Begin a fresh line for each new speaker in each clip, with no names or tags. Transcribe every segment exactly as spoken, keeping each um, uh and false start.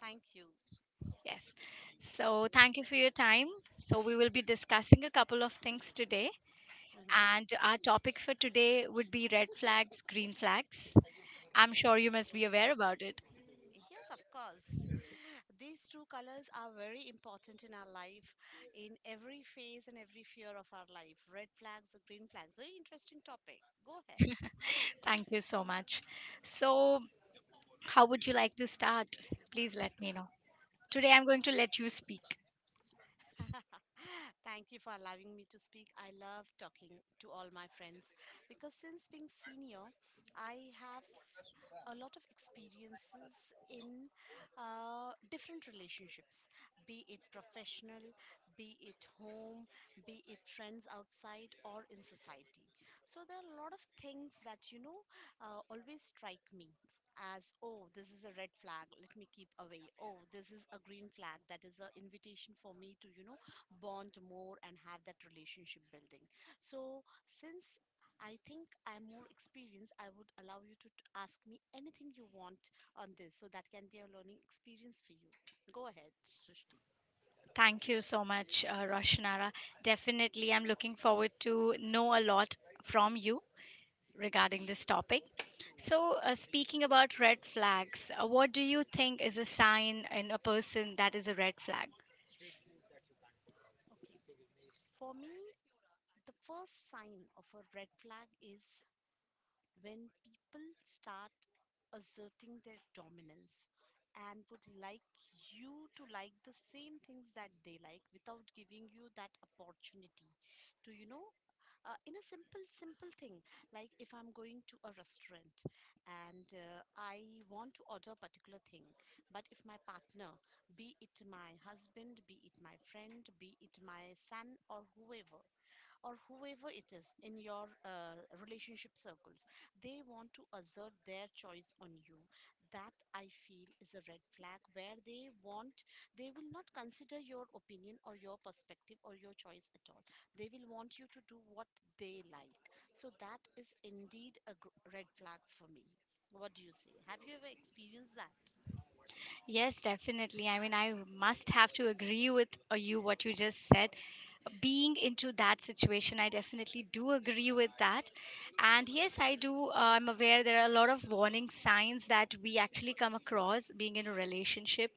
Thank you.
Yes. So, thank you for your time. So, we will be discussing a couple of things today.
hmm
And our topic for today would be red flags, green flags. I'm sure you must be aware about it.
Yes, of course. These two colors are very important in our life, in every phase and every fear of our life. Red flags or green flags. Very interesting topic. Go ahead.
Thank you so much. So, how would you like to start? Please let me know. Today, I'm going to let you speak.
Thank you for allowing me to speak. I love talking to all my friends because since being senior, I have a lot of experiences in uh, different relationships, be it professional, be it home, be it friends outside or in society. So there are a lot of things that, you know, uh, always strike me as, oh, this is a red flag, let me keep away. Oh, this is a green flag, that is an invitation for me to, you know, bond more and have that relationship building. So since I think I'm more experienced, I would allow you to t- ask me anything you want on this, so that can be a learning experience for you. Go ahead, Srishti.
Thank you so much, uh, Roshanara. Definitely, I'm looking forward to know a lot from you regarding this topic. So, uh, speaking about red flags, uh, what do you think is a sign in a person that is a red flag?
Okay. For me, the first sign of a red flag is when people start asserting their dominance and would like you to like the same things that they like without giving you that opportunity to, you know, uh, in a simple, simple thing. Like if I'm going to a restaurant and uh, I want to order a particular thing, but if my partner, be it my husband, be it my friend, be it my son, or whoever, or whoever it is in your uh, relationship circles, they want to assert their choice on you. That I feel is a red flag where they want, they will not consider your opinion or your perspective or your choice at all. They will want you to do what they like. So that is indeed a gr- red flag for me. What do you say? Have you ever experienced that?
Yes, definitely. I mean, I must have to agree with uh, you what you just said, being into that situation. I definitely do agree with that, and yes I do, uh, I'm aware there are a lot of warning signs that we actually come across being in a relationship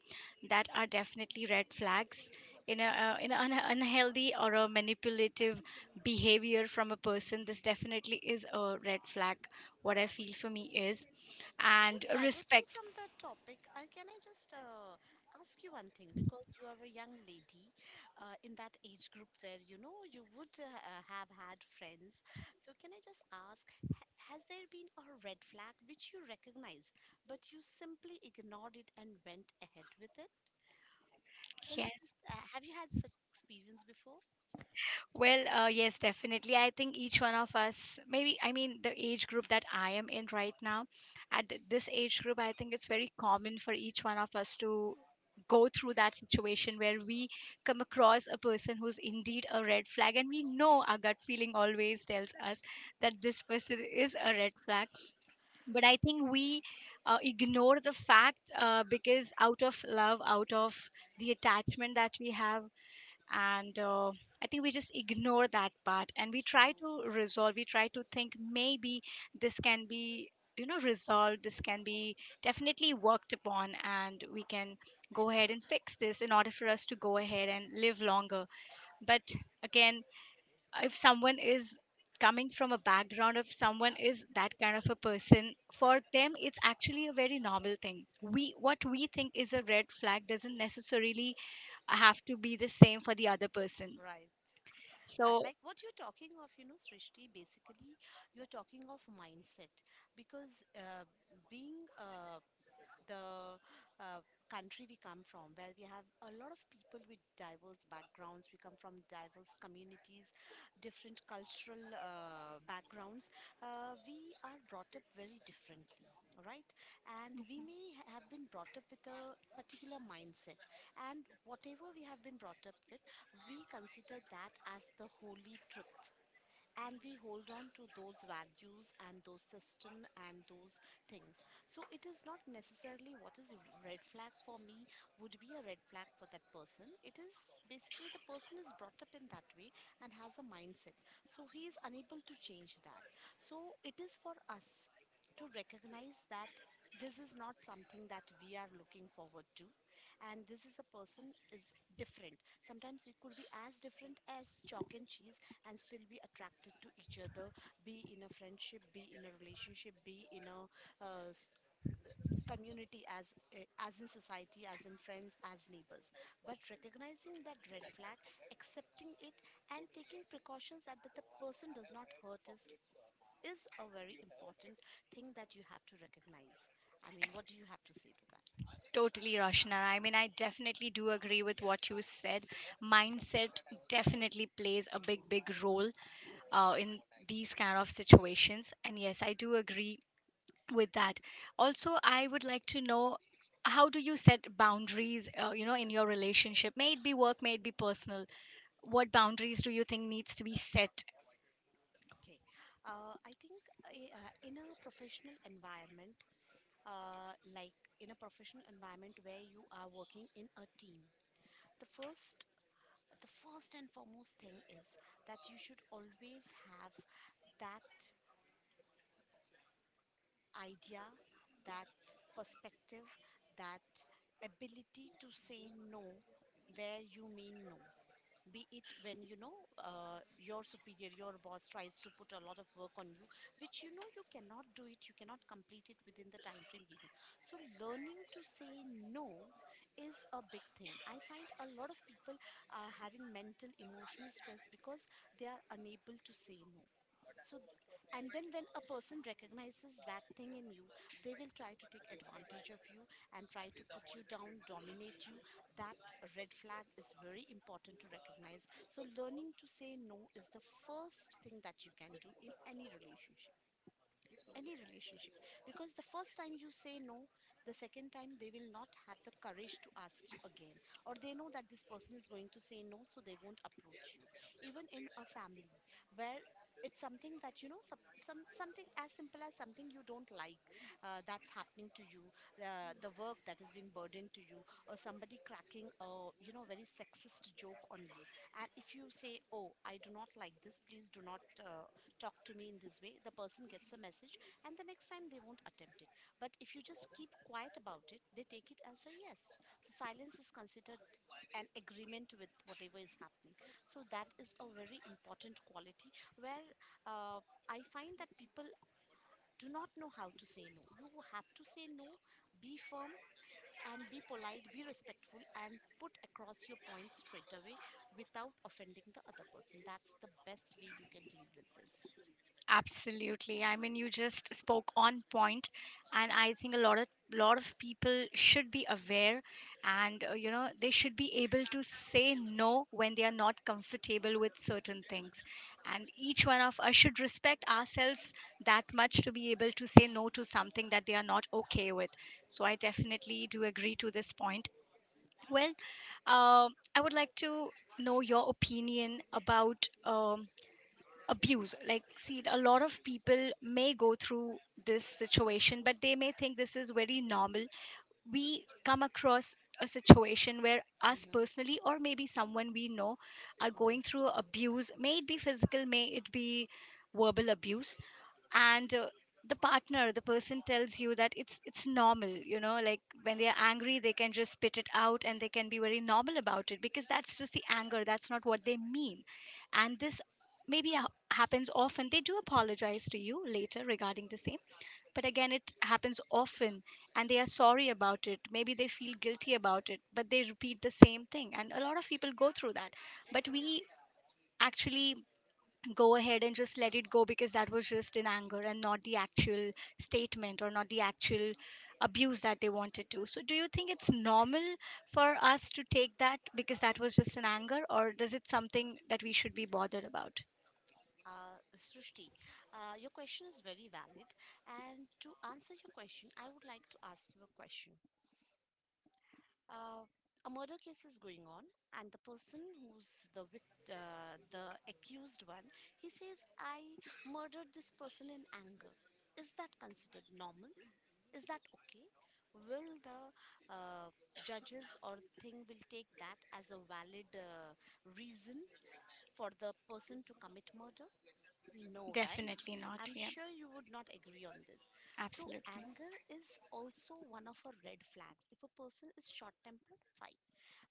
that are definitely red flags in a uh, in an un- unhealthy or a manipulative behavior from a person. This definitely is a red flag. What I feel for me is and
Just diverting
respect.
from the topic, uh, can I just uh, ask you one thing? Because you are a young lady uh, in that age group where you know you would uh, uh, have had friends. So, can I just ask, ha- has there been a red flag which you recognize, but you simply ignored it and went ahead with it? Can you
Yes.
just, uh, have you had such experience before?
Well, uh, yes, definitely. I think each one of us, maybe, I mean, the age group that I am in right now, at th- this age group, I think it's very common for each one of us to go through that situation where we come across a person who's indeed a red flag, and we know our gut feeling always tells us that this person is a red flag. But I think we uh, ignore the fact, uh, because out of love, out of the attachment that we have, and uh, I think we just ignore that part, and we try
True.
to resolve, we try to think maybe this can be, you know, resolved, this can be definitely worked upon, and we can go ahead and fix this in order for us to go ahead and live longer. But again, if someone is coming from a background of someone is that kind of a person, for them it's actually a very normal thing. We, what we think is a red flag doesn't necessarily have to be the same for the other person.
Right. Uh,
So
like what you're talking of, you know, Srishti, basically you're talking of mindset, because uh, being uh, the uh, country we come from, where we have a lot of people with diverse backgrounds. We come from diverse communities, different cultural uh, backgrounds. Uh, we are brought up very differently, right? And we may ha- have been brought up with a particular mindset. And whatever we have been brought up with, we consider that as the holy truth, and we hold on to those values and those system and those things. So it is not necessarily what is red flag for me would be a red flag for that person. It is basically the person is brought up in that way and has a mindset, so he is unable to change that. So it is for us to recognize that this is not something that we are looking forward to, and this is a person is different. Sometimes it could be as different as chalk and cheese, and still be attracted to each other, be in a friendship, be in a relationship, be in a uh, s- community, as uh, as in society, as in friends, as neighbors. But recognizing that red flag, accepting it, and taking precautions that, that the person does not hurt is is a very important thing that you have to recognize. I mean, what do you have to say to that?
totally, Roshna. I mean, I definitely do agree with what you said. Mindset definitely plays a big, big role uh, in these kind of situations. And yes, I do agree with that. Also, I would like to know, how do you set boundaries, uh, you know, in your relationship? May it be work, may it be personal. What boundaries do you think needs to be set?
Okay. uh, I think uh, uh, in a professional environment, uh, like in a professional environment where you are working in a team. The first the first and foremost thing is that you should always have that idea, that perspective, that ability to say no where you mean no. Be it when you know uh, your superior, your boss tries to put a lot of work on you which you know you cannot do it, you cannot complete it within the time frame given. So learning to say no is a big thing. I find a lot of people are having mental emotional stress because they are unable to say no. So th- and then when a person recognizes that thing in you, they will try to take advantage of you and try to put you down, dominate you. That a red flag is very important to recognize. So, learning to say no is the first thing that you can do in any relationship, any relationship, because the first time you say no, the second time they will not have the courage to ask you again, or they know that this person is going to say no, so they won't approach you. Even in a family, where it's something that you know some, some something as simple as something you don't like, uh, that's happening to you, uh, the work that is being burdened to you or somebody cracking a, you know, very sexist joke on you, and if you say, oh, I do not like this, please do not uh, talk to me in this way, the person gets a message, and the next time they won't attempt it. But if you just keep quiet about it, they take it as a yes. So silence is considered an agreement with whatever is happening. So that is a very important quality where uh, I find that people do not know how to say no. You have to say no, be firm and be polite, be respectful, and put across your points straight away without offending the other person. That's the best way you can deal with this.
Absolutely. I mean, you just spoke on point, and I think a lot of, lot of people should be aware, and uh, you know, they should be able to say no when they are not comfortable with certain things, and each one of us should respect ourselves that much to be able to say no to something that they are not okay with. So I definitely do agree to this point. Well, um I would like to know your opinion about. Um, abuse, like, see, a lot of people may go through this situation, but they may think this is very normal. We come across a situation where us
Mm-hmm.
personally or maybe someone we know are
Mm-hmm.
going through abuse, may it be physical, may it be verbal abuse. And uh, the partner, the person tells you that it's it's normal, you know, like when they are angry, they can just spit it out, and they can be very normal about it because that's just the anger, that's not what they mean. And this maybe ha- happens often. They do apologize to you later regarding the same, but again, it happens often, and they are sorry about it, maybe they feel guilty about it, but they repeat the same thing, and a lot of people go through that. But we actually go ahead and just let it go because that was just in anger, and not the actual statement, or not the actual abuse that they wanted to. So, do you think it's normal for us to take that because that was just an anger, or does it something that we should be bothered about?
Uh, Srushti, uh, your question is very valid. And to answer your question, I would like to ask you a question. Uh, a murder case is going on, and the person who's the vict- uh, the accused one, he says, "I murdered this person in anger." Is that considered normal? Is that okay? Will the uh, judges or thing will take that as a valid uh, reason for the person to commit murder? No, right?
Definitely not.
I'm
Yeah,
sure you would not agree on this. So
absolutely.
anger is also one of our red flags. If a person is short-tempered, fine.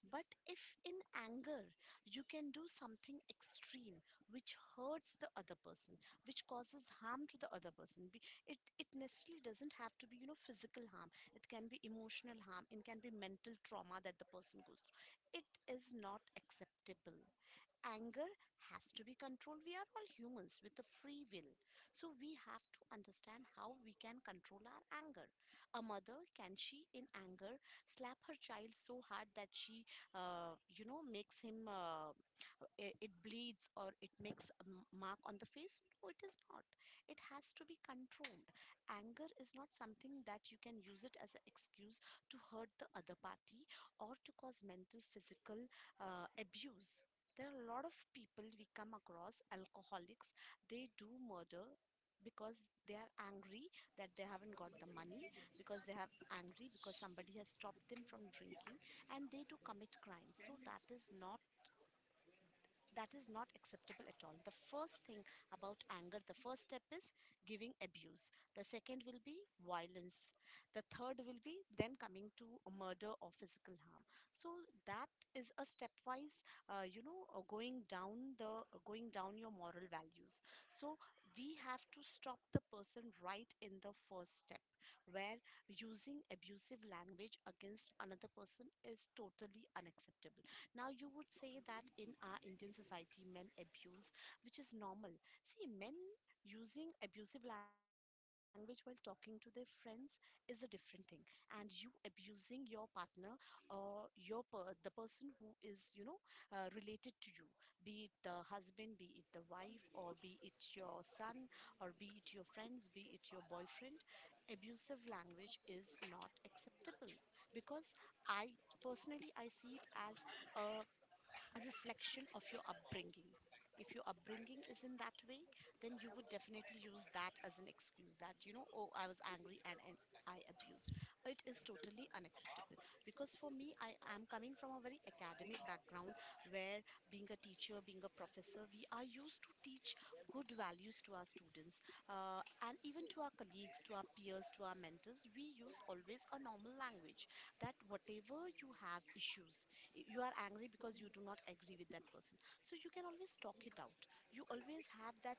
But if in anger you can do something extreme which hurts the other person, which causes harm to the other person, be- it, it necessarily doesn't have to be, you know, physical harm. It can be emotional harm, it can be mental trauma that the person goes through. It is not acceptable. Anger has to be controlled. We are all humans with a free will. So we have to understand how we can control our anger. A mother, can she in anger slap her child so hard that she, uh, you know, makes him. Uh, it, it bleeds or it makes a m- mark on the face. No, it is not. It has to be controlled. Anger is not something that you can use it as an excuse to hurt the other party or to cause mental, physical uh, abuse. There are a lot of people we come across, alcoholics, they do murder because they are angry that they haven't got the money, because they have angry because somebody has stopped them from drinking, and they do commit crimes. So that is not that is not acceptable at all. The first thing about anger, the first step is giving abuse, the second will be violence, the third will be then coming to a murder or physical harm. So that is a stepwise uh, you know, uh, going down the uh, going down your moral values. So we have to stop the person right in the first step, where using abusive language against another person is totally unacceptable. Now, you would say that in our Indian society, men abuse, which is normal. See, men using abusive language while talking to their friends is a different thing, and you abusing your partner or your per- the person who is, you know, uh, related to you, be it the husband, be it the wife, or be it your son, or be it your friends, be it your boyfriend. Abusive language is not acceptable because I personally I see it as a reflection of your upbringing. If your upbringing is in that way, then you would definitely use that as an excuse that, you know, oh, I was angry, and, and I abused. It is totally unacceptable because for me, I am coming from a very academic background where being a teacher, being a professor, we are used to teach good values to our students uh, and even to our colleagues, to our peers, to our mentors. We use always a normal language that whatever you have issues, you are angry because you do not agree with that person, so you can always talk it out. You always have that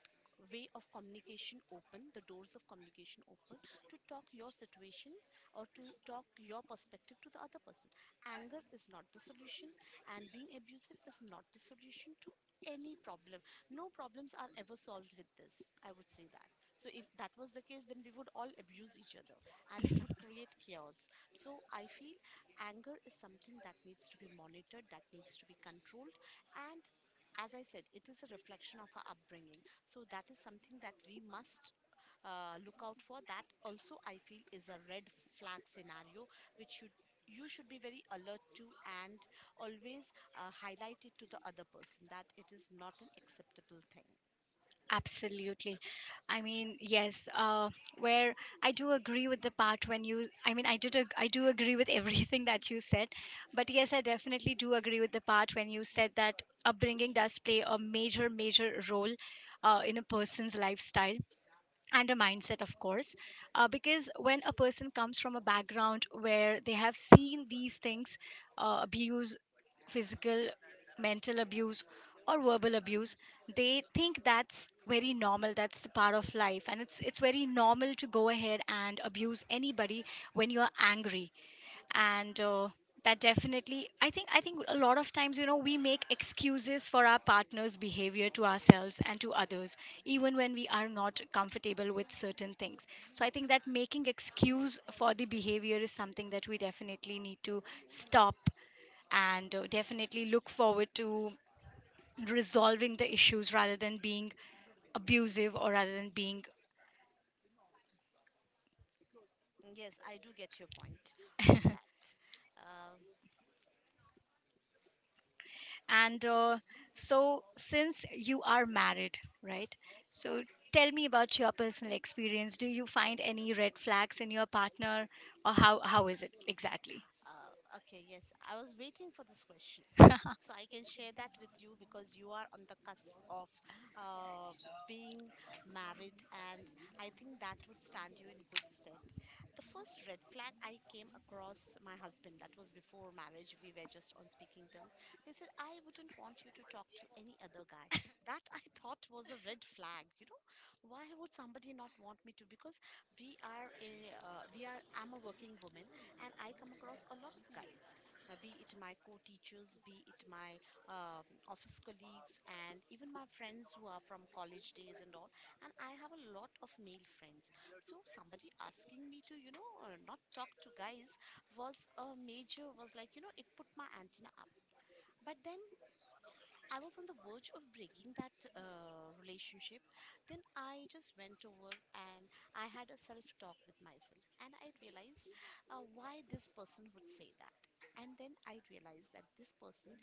way of communication open, the doors of communication open, to talk your situation or to talk your perspective to the other person. Anger is not the solution, and being abusive is not the solution to any problem. No problems are ever solved with this, I would say that. So if that was the case, then we would all abuse each other and it would create chaos. So I feel anger is something that needs to be monitored, that needs to be controlled. And as I said, it is a reflection of our upbringing. So that is something that we must uh, look out for. That also, I feel, is a red flag scenario which you you should be very alert to, and always uh, highlight it to the other person that it is not an acceptable thing.
Absolutely. I mean, yes, uh, where I do agree with the part when you, I mean, I did, ag- I do agree with everything that you said, but yes, I definitely do agree with the part when you said that upbringing does play a major, major role uh, in a person's lifestyle, and a mindset of course, uh, because when a person comes from a background where they have seen these things, uh, abuse, physical, mental abuse or verbal abuse, they think that's very normal, that's the part of life, and it's it's very normal to go ahead and abuse anybody when you're angry. And uh, that definitely, i think I think a lot of times, you know, we make excuses for our partner's behavior to ourselves and to others, even when we are not comfortable with certain things. So I think that making excuse for the behavior is something that we definitely need to stop, and uh, definitely look forward to resolving the issues rather than being abusive, or rather than being.
Yes, I do get your point on that. Uh,
And uh, so, since you are married, right? So, tell me about your personal experience. Do you find any red flags in your partner, or how how is it exactly?
uh, okay, yes, I was waiting for this question. So I can share that with you because you are on the cusp of uh, being married, and I think that would stand you in good stead. The first red flag I came across my husband, that was before marriage, we were just on speaking terms. He said, I wouldn't want you to talk to any other guy. That I thought was a red flag. You know, why would somebody not want me to? Because we are a, uh, we are, I'm a working woman, and I come across a lot of guys, uh, be it my co-teachers, be it my uh, office colleagues, and even my friends who are from college days and all. And I have a lot of male friends. So somebody asking me to, you know, uh, not talk to guys was a major, was like, you know, it put my antenna up. But then I was on the verge of breaking that uh, relationship. Then I just went over and I had a self talk with myself and I realized uh, why this person would say that. And then I realized that this person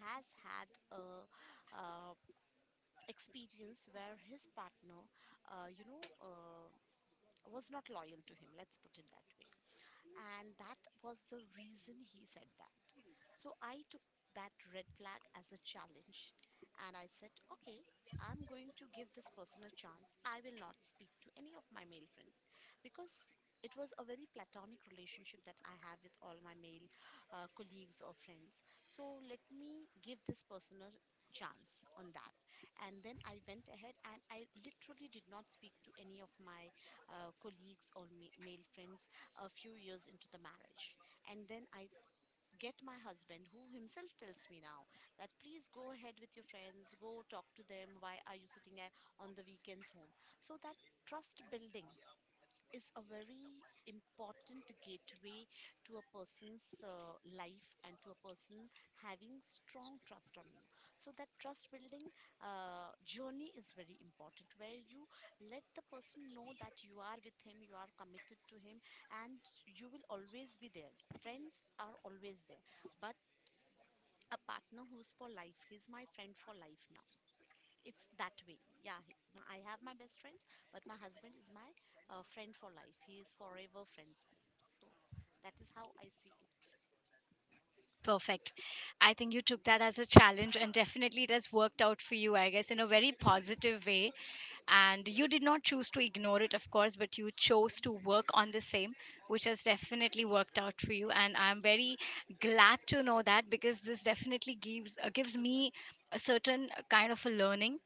has had a uh, experience where his partner, uh, you know, uh, was not loyal to him. Let's put it that way. And that was the reason he said that. So I took that red flag as a challenge and I said, okay, I'm going to give this person a chance. I will not speak to any of my male friends, because it was a very platonic relationship that I have with all my male uh, colleagues or friends. So let me give this person a chance on that. And then I went ahead and I literally did not speak to any of my uh, colleagues or ma- male friends a few years into the marriage. And then I get my husband, who himself tells me now that please go ahead with your friends, go talk to them. Why are you sitting at, on the weekends, home? So that trust building is a very important gateway to a person's uh, life, and to a person having strong trust on you. So that trust building uh, journey is very important, where you let the person know that you are with him, you are committed to him, and you will always be there. Friends are always there, but a partner who's for life, he's my friend for life now. It's that way, yeah. he- m- I have my best friends, but my husband is my uh, friend for life. He is forever friends. So that is how I see it.
Perfect. I think you took that as a challenge, and definitely it has worked out for you, I guess, in a very positive way. And you did not choose to ignore it, of course, but you chose to work on the same, which has definitely worked out for you. And I'm very glad to know that because this definitely gives, uh, gives me a certain kind of a learning,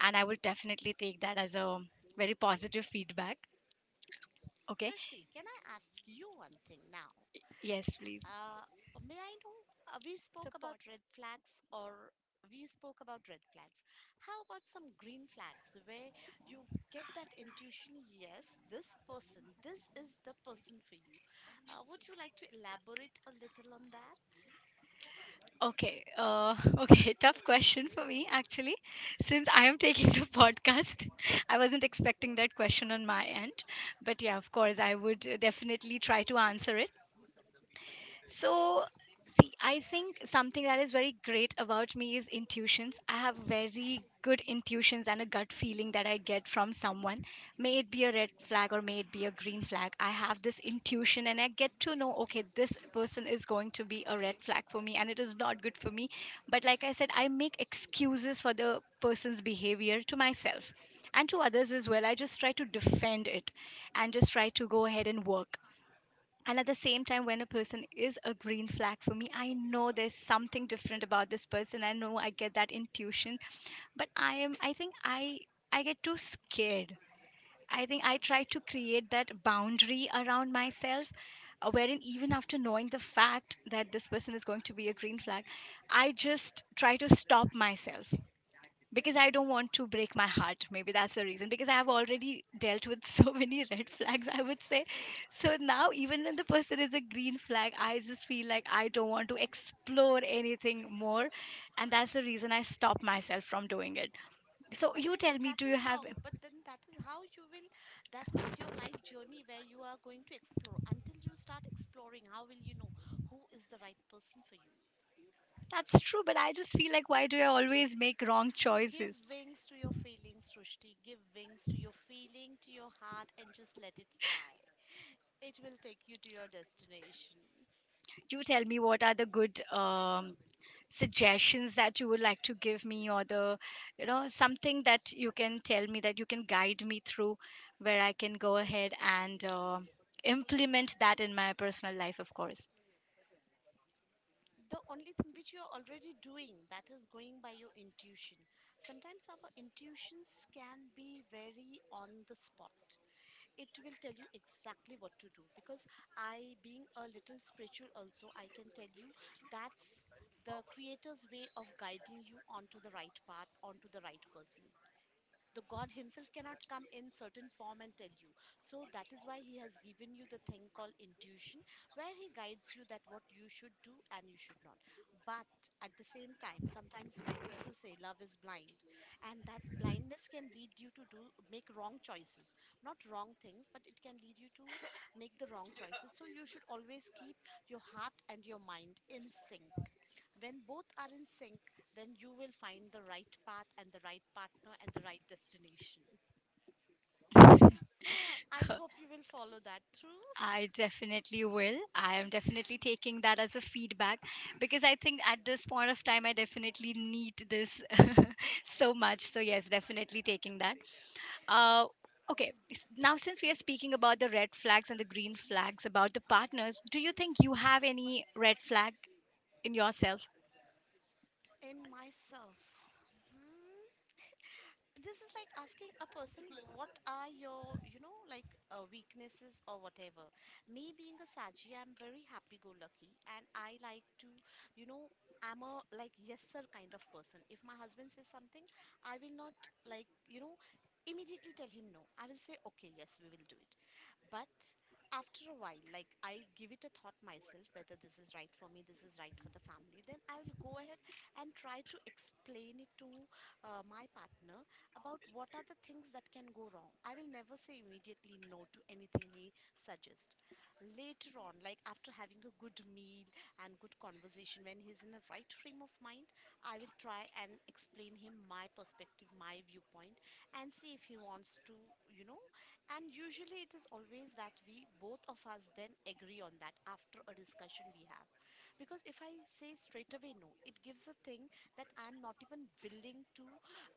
and I will definitely take that as a very positive feedback. Okay.
Srishti, can I ask you one thing now?
Yes, please.
uh, may I know, uh, we spoke about red flags, or we spoke about red flags how about some green flags where you get that intuition, yes, this person, this is the person for you? Uh, would you like to elaborate a little on that?
Okay, uh, okay, tough question for me actually, since I am taking the podcast. I wasn't expecting that question on my end, but yeah, of course, I would uh, definitely try to answer it. So, see, I think something that is very great about me is intuitions. I have very good intuitions and a gut feeling that I get from someone, may it be a red flag or may it be a green flag. I have this intuition and I get to know, okay, this person is going to be a red flag for me and it is not good for me. But like I said, I make excuses for the person's behavior to myself and to others as well. I just try to defend it and just try to go ahead and work. And at the same time, when a person is a green flag for me, I know there's something different about this person. I know I get that intuition. But i am i think i I get too scared. I think I try to create that boundary around myself, uh, wherein even after knowing the fact that this person is going to be a green flag, I just try to stop myself because I don't want to break my heart. Maybe that's the reason. Because I have already dealt with so many red flags, I would say. So now, even when the person is a green flag, I just feel like I don't want to explore anything more. And that's the reason I stop myself from doing it. So
But
you
then
tell me,
that
do
is
you have.
how, but then that is how you will, that is your life journey where you are going to explore. Until you start exploring, how will you know who is the right person for you?
That's true, but I just feel like, why do I always make wrong
Give
choices?
wings to your feelings, Srushti. Give wings to your feeling, to your heart, and just let it fly. It will take you to your destination.
You tell me what are the good, um, suggestions that you would like to give me, or the, you know, something that you can tell me that you can guide me through, where I can go ahead and uh, implement that in my personal life, of course.
The only thing which you are already doing, that is going by your intuition. Sometimes our intuitions can be very on the spot. It will tell you exactly what to do, because I, being a little spiritual also, I can tell you that's the creator's way of guiding you onto the right path, onto the right person. The god himself cannot come in certain form and tell you, so that is why he has given you the thing called intuition, where he guides you that what you should do and you should not. But at the same time, sometimes, like people say, love is blind, and that blindness can lead you to do, make wrong choices. Not wrong things, but it can lead you to make the wrong choices. So you should always keep your heart and your mind in sync. When both are in sync, then you will find the right path and the right partner and the right destination. I hope you will follow that through.
I definitely will. I am definitely taking that as a feedback, because I think at this point of time I definitely need this. So much, so yes, definitely taking that. Uh, okay, s- now since we are speaking about the red flags and the green flags about the partners, do you think you have any red flag in yourself?
In myself. Hmm. This is like asking a person what are your, you know, like uh, weaknesses or whatever. Me being a saji, I'm very happy go lucky, and I like to, you know, I'm a like yes sir kind of person. If my husband says something, I will not, like, you know, immediately tell him no. I will say okay, yes, we will do it. But after a while, like, I give it a thought myself, whether this is right for me, this is right for the family, then I will go ahead and try to explain it to uh, my partner about what are the things that can go wrong. I will never say immediately no to anything he suggests. Later on, like after having a good meal and good conversation, when he's in a right frame of mind, I will try and explain him my perspective, my viewpoint, and see if he wants to, you know. And usually it is always that we, both of us, then agree on that after a discussion we have. Because if I say straight away no, it gives a thing that I'm not even willing to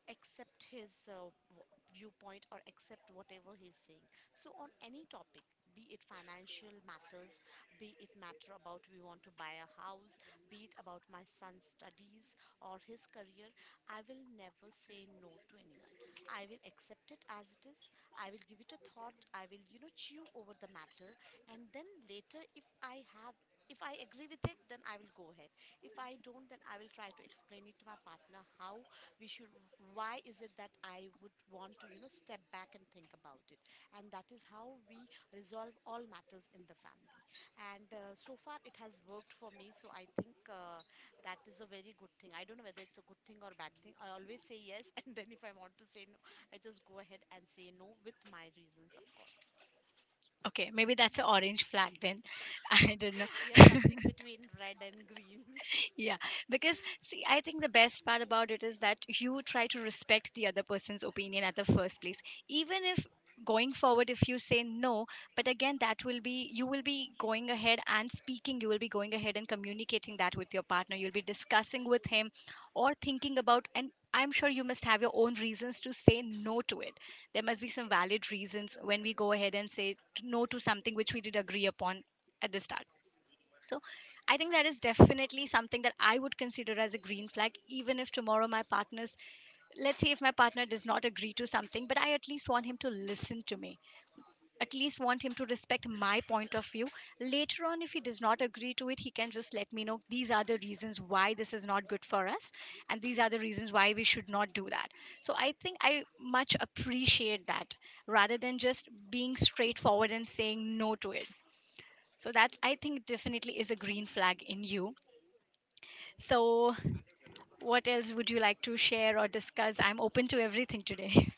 accept his uh, w- viewpoint or accept whatever he's saying. So on any topic, be it financial matters, be it matter about we want to buy a house, be it about my son's studies or his career, I will never say no to anyone. I will accept it as it is. I will give it a thought, I will, you know, chew over the matter, and then later, if i have if I agree with it, then I will go ahead. If I don't, then I will try to explain it to my partner how we should, why is it that I would want to, you know, step back and think about it. And that is how we resolve all matters in the family. And uh, so far it has worked for me, so I think uh, that is a very good thing. I don't know whether it's a good thing or bad thing. I always say yes and then if I want to say no, I just go ahead and say no, with my reasons of course.
Okay, maybe that's an orange flag then. I don't know.
Yeah, something between red and green.
Yeah, because see, I think the best part about it is that you try to respect the other person's opinion at the first place. Even if going forward, if you say no, but again, that will be, you will be going ahead and speaking, you will be going ahead and communicating that with your partner. You'll be discussing with him or thinking about, and I'm sure you must have your own reasons to say no to it. There must be some valid reasons when we go ahead and say no to something which we did agree upon at the start. So I think that is definitely something that I would consider as a green flag. Even if tomorrow my partner's, let's say if my partner does not agree to something, but I at least want him to listen to me, at least want him to respect my point of view. Later on, if he does not agree to it, he can just let me know these are the reasons why this is not good for us, and these are the reasons why we should not do that. So I think I much appreciate that rather than just being straightforward and saying no to it. So that's, I think, definitely is a green flag in you. So, what else would you like to share or discuss? I'm open to everything today.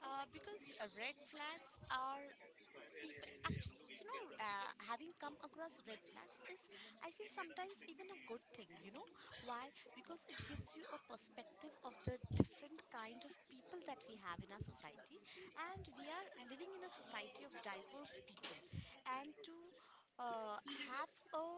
Uh, because uh, red flags are people, actually, you know, uh, having come across red flags is, I feel, sometimes even a good thing, you know. Why? Because it gives you a perspective of the different kind of people that we have in our society, and we are living in a society of diverse people. And to uh, have a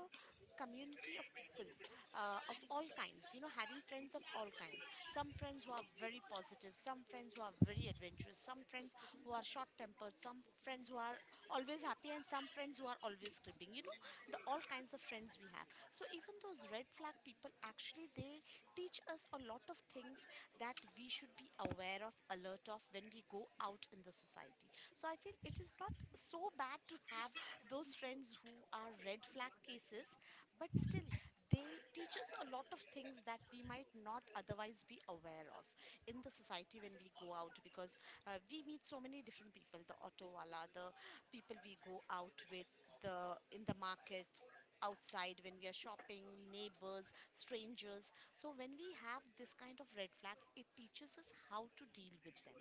community of people uh, of all kinds, you know, having friends of all kinds, some friends who are very positive, some friends who are very adventurous, some friends who are short tempered, some friends who are always happy, and some friends who are always cribbing, you know, the all kinds of friends we have. So even those red flag people, actually, they teach us a lot of things that we should be aware of, alert of, when we go out in the society. So I feel it is not so bad to have those friends who are red flag cases, but still they teach us a lot of things that we might not otherwise be aware of in the society when we go out. Because uh, we meet so many different people, the auto wala, the people we go out with, the in the market, outside when we are shopping, neighbors, strangers. So when we have this kind of red flags, it teaches us how to deal with them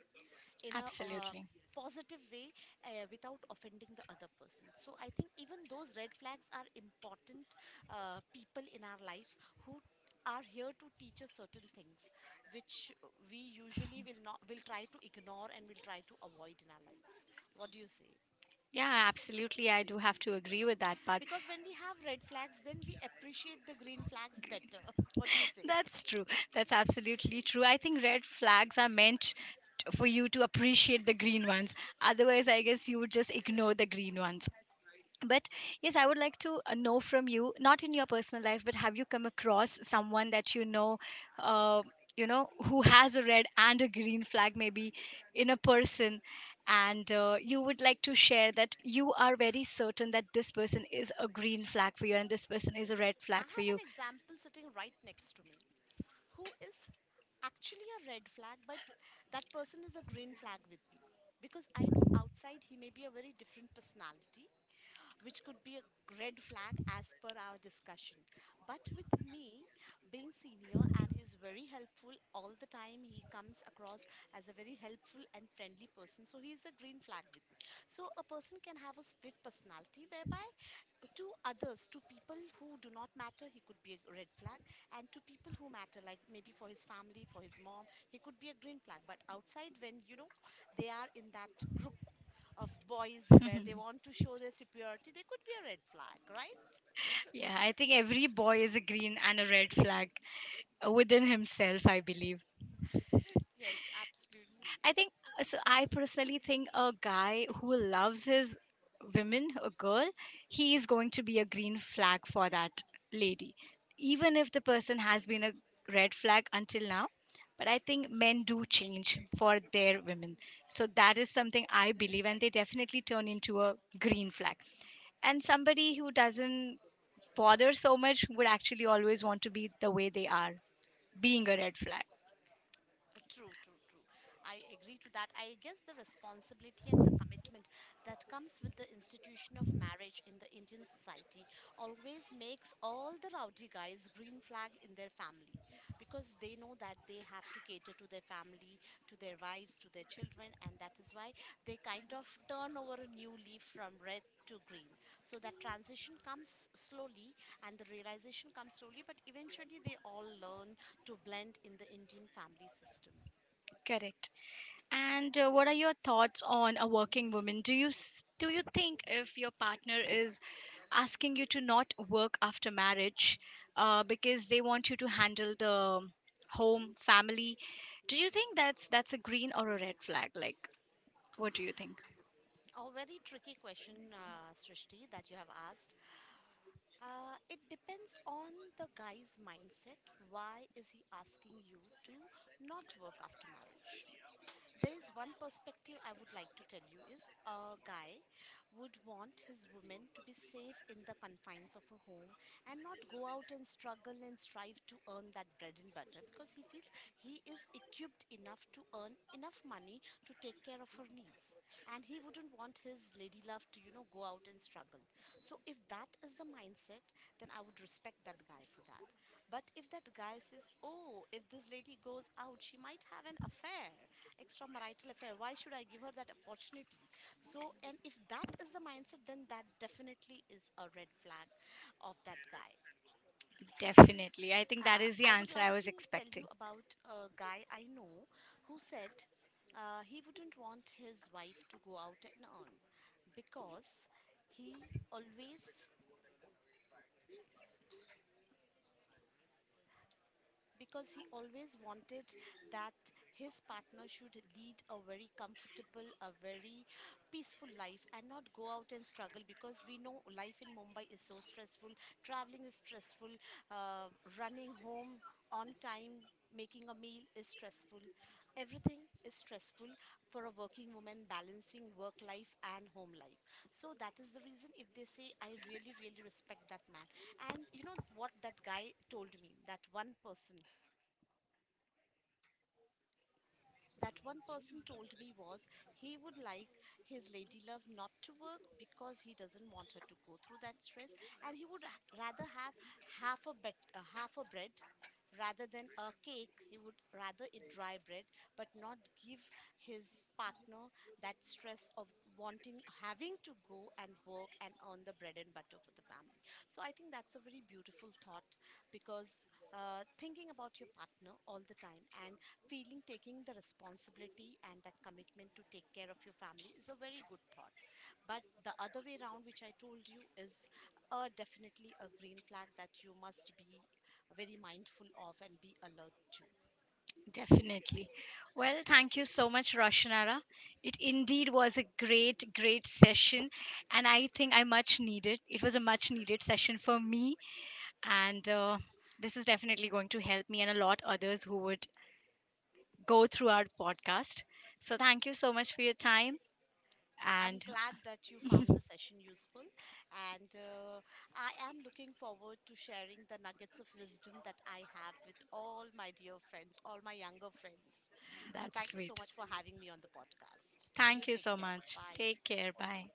in a uh,
Absolutely.
positive way uh, without offending the other person. So I think even those red flags are important uh, people in our life who are here to teach us certain things which we usually will not will try to ignore and will try to avoid in our life, what do you say?
Yeah, absolutely. I do have to agree with that part.
Because when we have red flags, then we appreciate the green flags better. What do you say?
That's true. That's absolutely true. I think red flags are meant t- for you to appreciate the green ones. Otherwise, I guess you would just ignore the green ones. But yes, I would like to uh, know from you, not in your personal life, but have you come across someone that you know, uh, you know, who has a red and a green flag maybe in a person, and uh, you would like to share that you are very certain that this person is a green flag for you and this person is a red
I
flag for
have
you.
an example sitting right next to me who is actually a red flag, but that person is a green flag with me. Because I know outside he may be a very different personality, which could be a red flag as per our discussion. But with me being senior, and he's very helpful all the time, he comes across as a very helpful and friendly person. So he's a green flag with me. So a person can have a split personality whereby to others, to people who do not matter, he could be a red flag, and to people who matter, like maybe for his family, for his mom, he could be a green flag. But outside, when you know, they are in that group of boys where they want to show their superiority, they could be a red flag, right?
Yeah, I think every boy is a green and a red flag uh, within himself, I believe.
Yes, absolutely.
I think uh, so. I personally think a guy who loves his women, a girl, he is going to be a green flag for that lady, even if the person has been a red flag until now. But I think men do change for their women. So that is something I believe, and they definitely turn into a green flag. And somebody who doesn't bother so much would actually always want to be the way they are, being a red flag.
Uh, True, true, true. I agree to that. I guess the responsibility and the commitment that comes with the institution of marriage in the Indian society always makes all the rowdy guys green flag in their family, because they know that they have to cater to their family, to their wives, to their children, and that is why they kind of turn over a new leaf from red to green. So that transition comes slowly and the realization comes slowly, but eventually they all learn to blend in the Indian family system.
Correct. And uh, what are your thoughts on a working woman? Do you s- do you think if your partner is asking you to not work after marriage uh, because they want you to handle the home, family, do you think that's that's a green or a red flag? Like, what do you think?
A very tricky question, uh, Srishti, that you have asked. Uh, it depends on the guy's mindset. Why is he asking you to not work after marriage? There is one perspective I would like to tell you, is a guy would want his woman to be safe in the confines of a home and not go out and struggle and strive to earn that bread and butter, because he feels he is equipped enough to earn enough money to take care of her needs, and he wouldn't want his lady love to, you know, go out and struggle. So if that is the mindset, then I would respect that guy for that. But if that guy says, oh, if this lady goes out she might have an affair, extramarital affair, why should I give her that opportunity? So, and if that is the mindset, then that definitely is a red flag of that guy.
Definitely. I think that
uh,
is the
i would
answer
like
I was
to tell you
expecting.
about a guy I know, who said uh, he wouldn't want his wife to go out and earn, because he always because he always wanted that his partner should lead a very comfortable, a very peaceful life and not go out and struggle, because we know life in Mumbai is so stressful. Traveling is stressful, uh, running home on time. Making a meal is stressful. Everything is stressful for a working woman balancing work life and home life. So that is the reason, if they say, I really, really respect that man. And you know what that guy told me? That one person that one person told me was, he would like his lady love not to work because he doesn't want her to go through that stress, and he would h- rather have half a bet, uh, half a bread rather than a cake. He would rather eat dry bread but not give his partner that stress of wanting having to go and work and earn the bread and butter for the family. So I think that's a very beautiful thought, because uh, thinking about your partner all the time, and feeling taking the responsibility and that commitment to take care of your family, is a very good thought. But the other way around, which I told you, is uh, definitely a green flag that you must be very mindful of and be alert to.
Definitely. Well, thank you so much, Roshanara. It indeed was a great, great session, and I think I much needed. It was a much needed session for me, and uh, this is definitely going to help me and a lot others who would go through our podcast. So, thank you so much for your time,
I'm
and
glad that you found the session useful, and uh, I am looking forward to sharing the nuggets of wisdom that I have with all my dear friends, all my younger friends. Uh,
that's
thank you so
sweet.
much for having me on the podcast. Uh, You
Thank you
take
so
care.
much.
Bye.
Take care. Bye.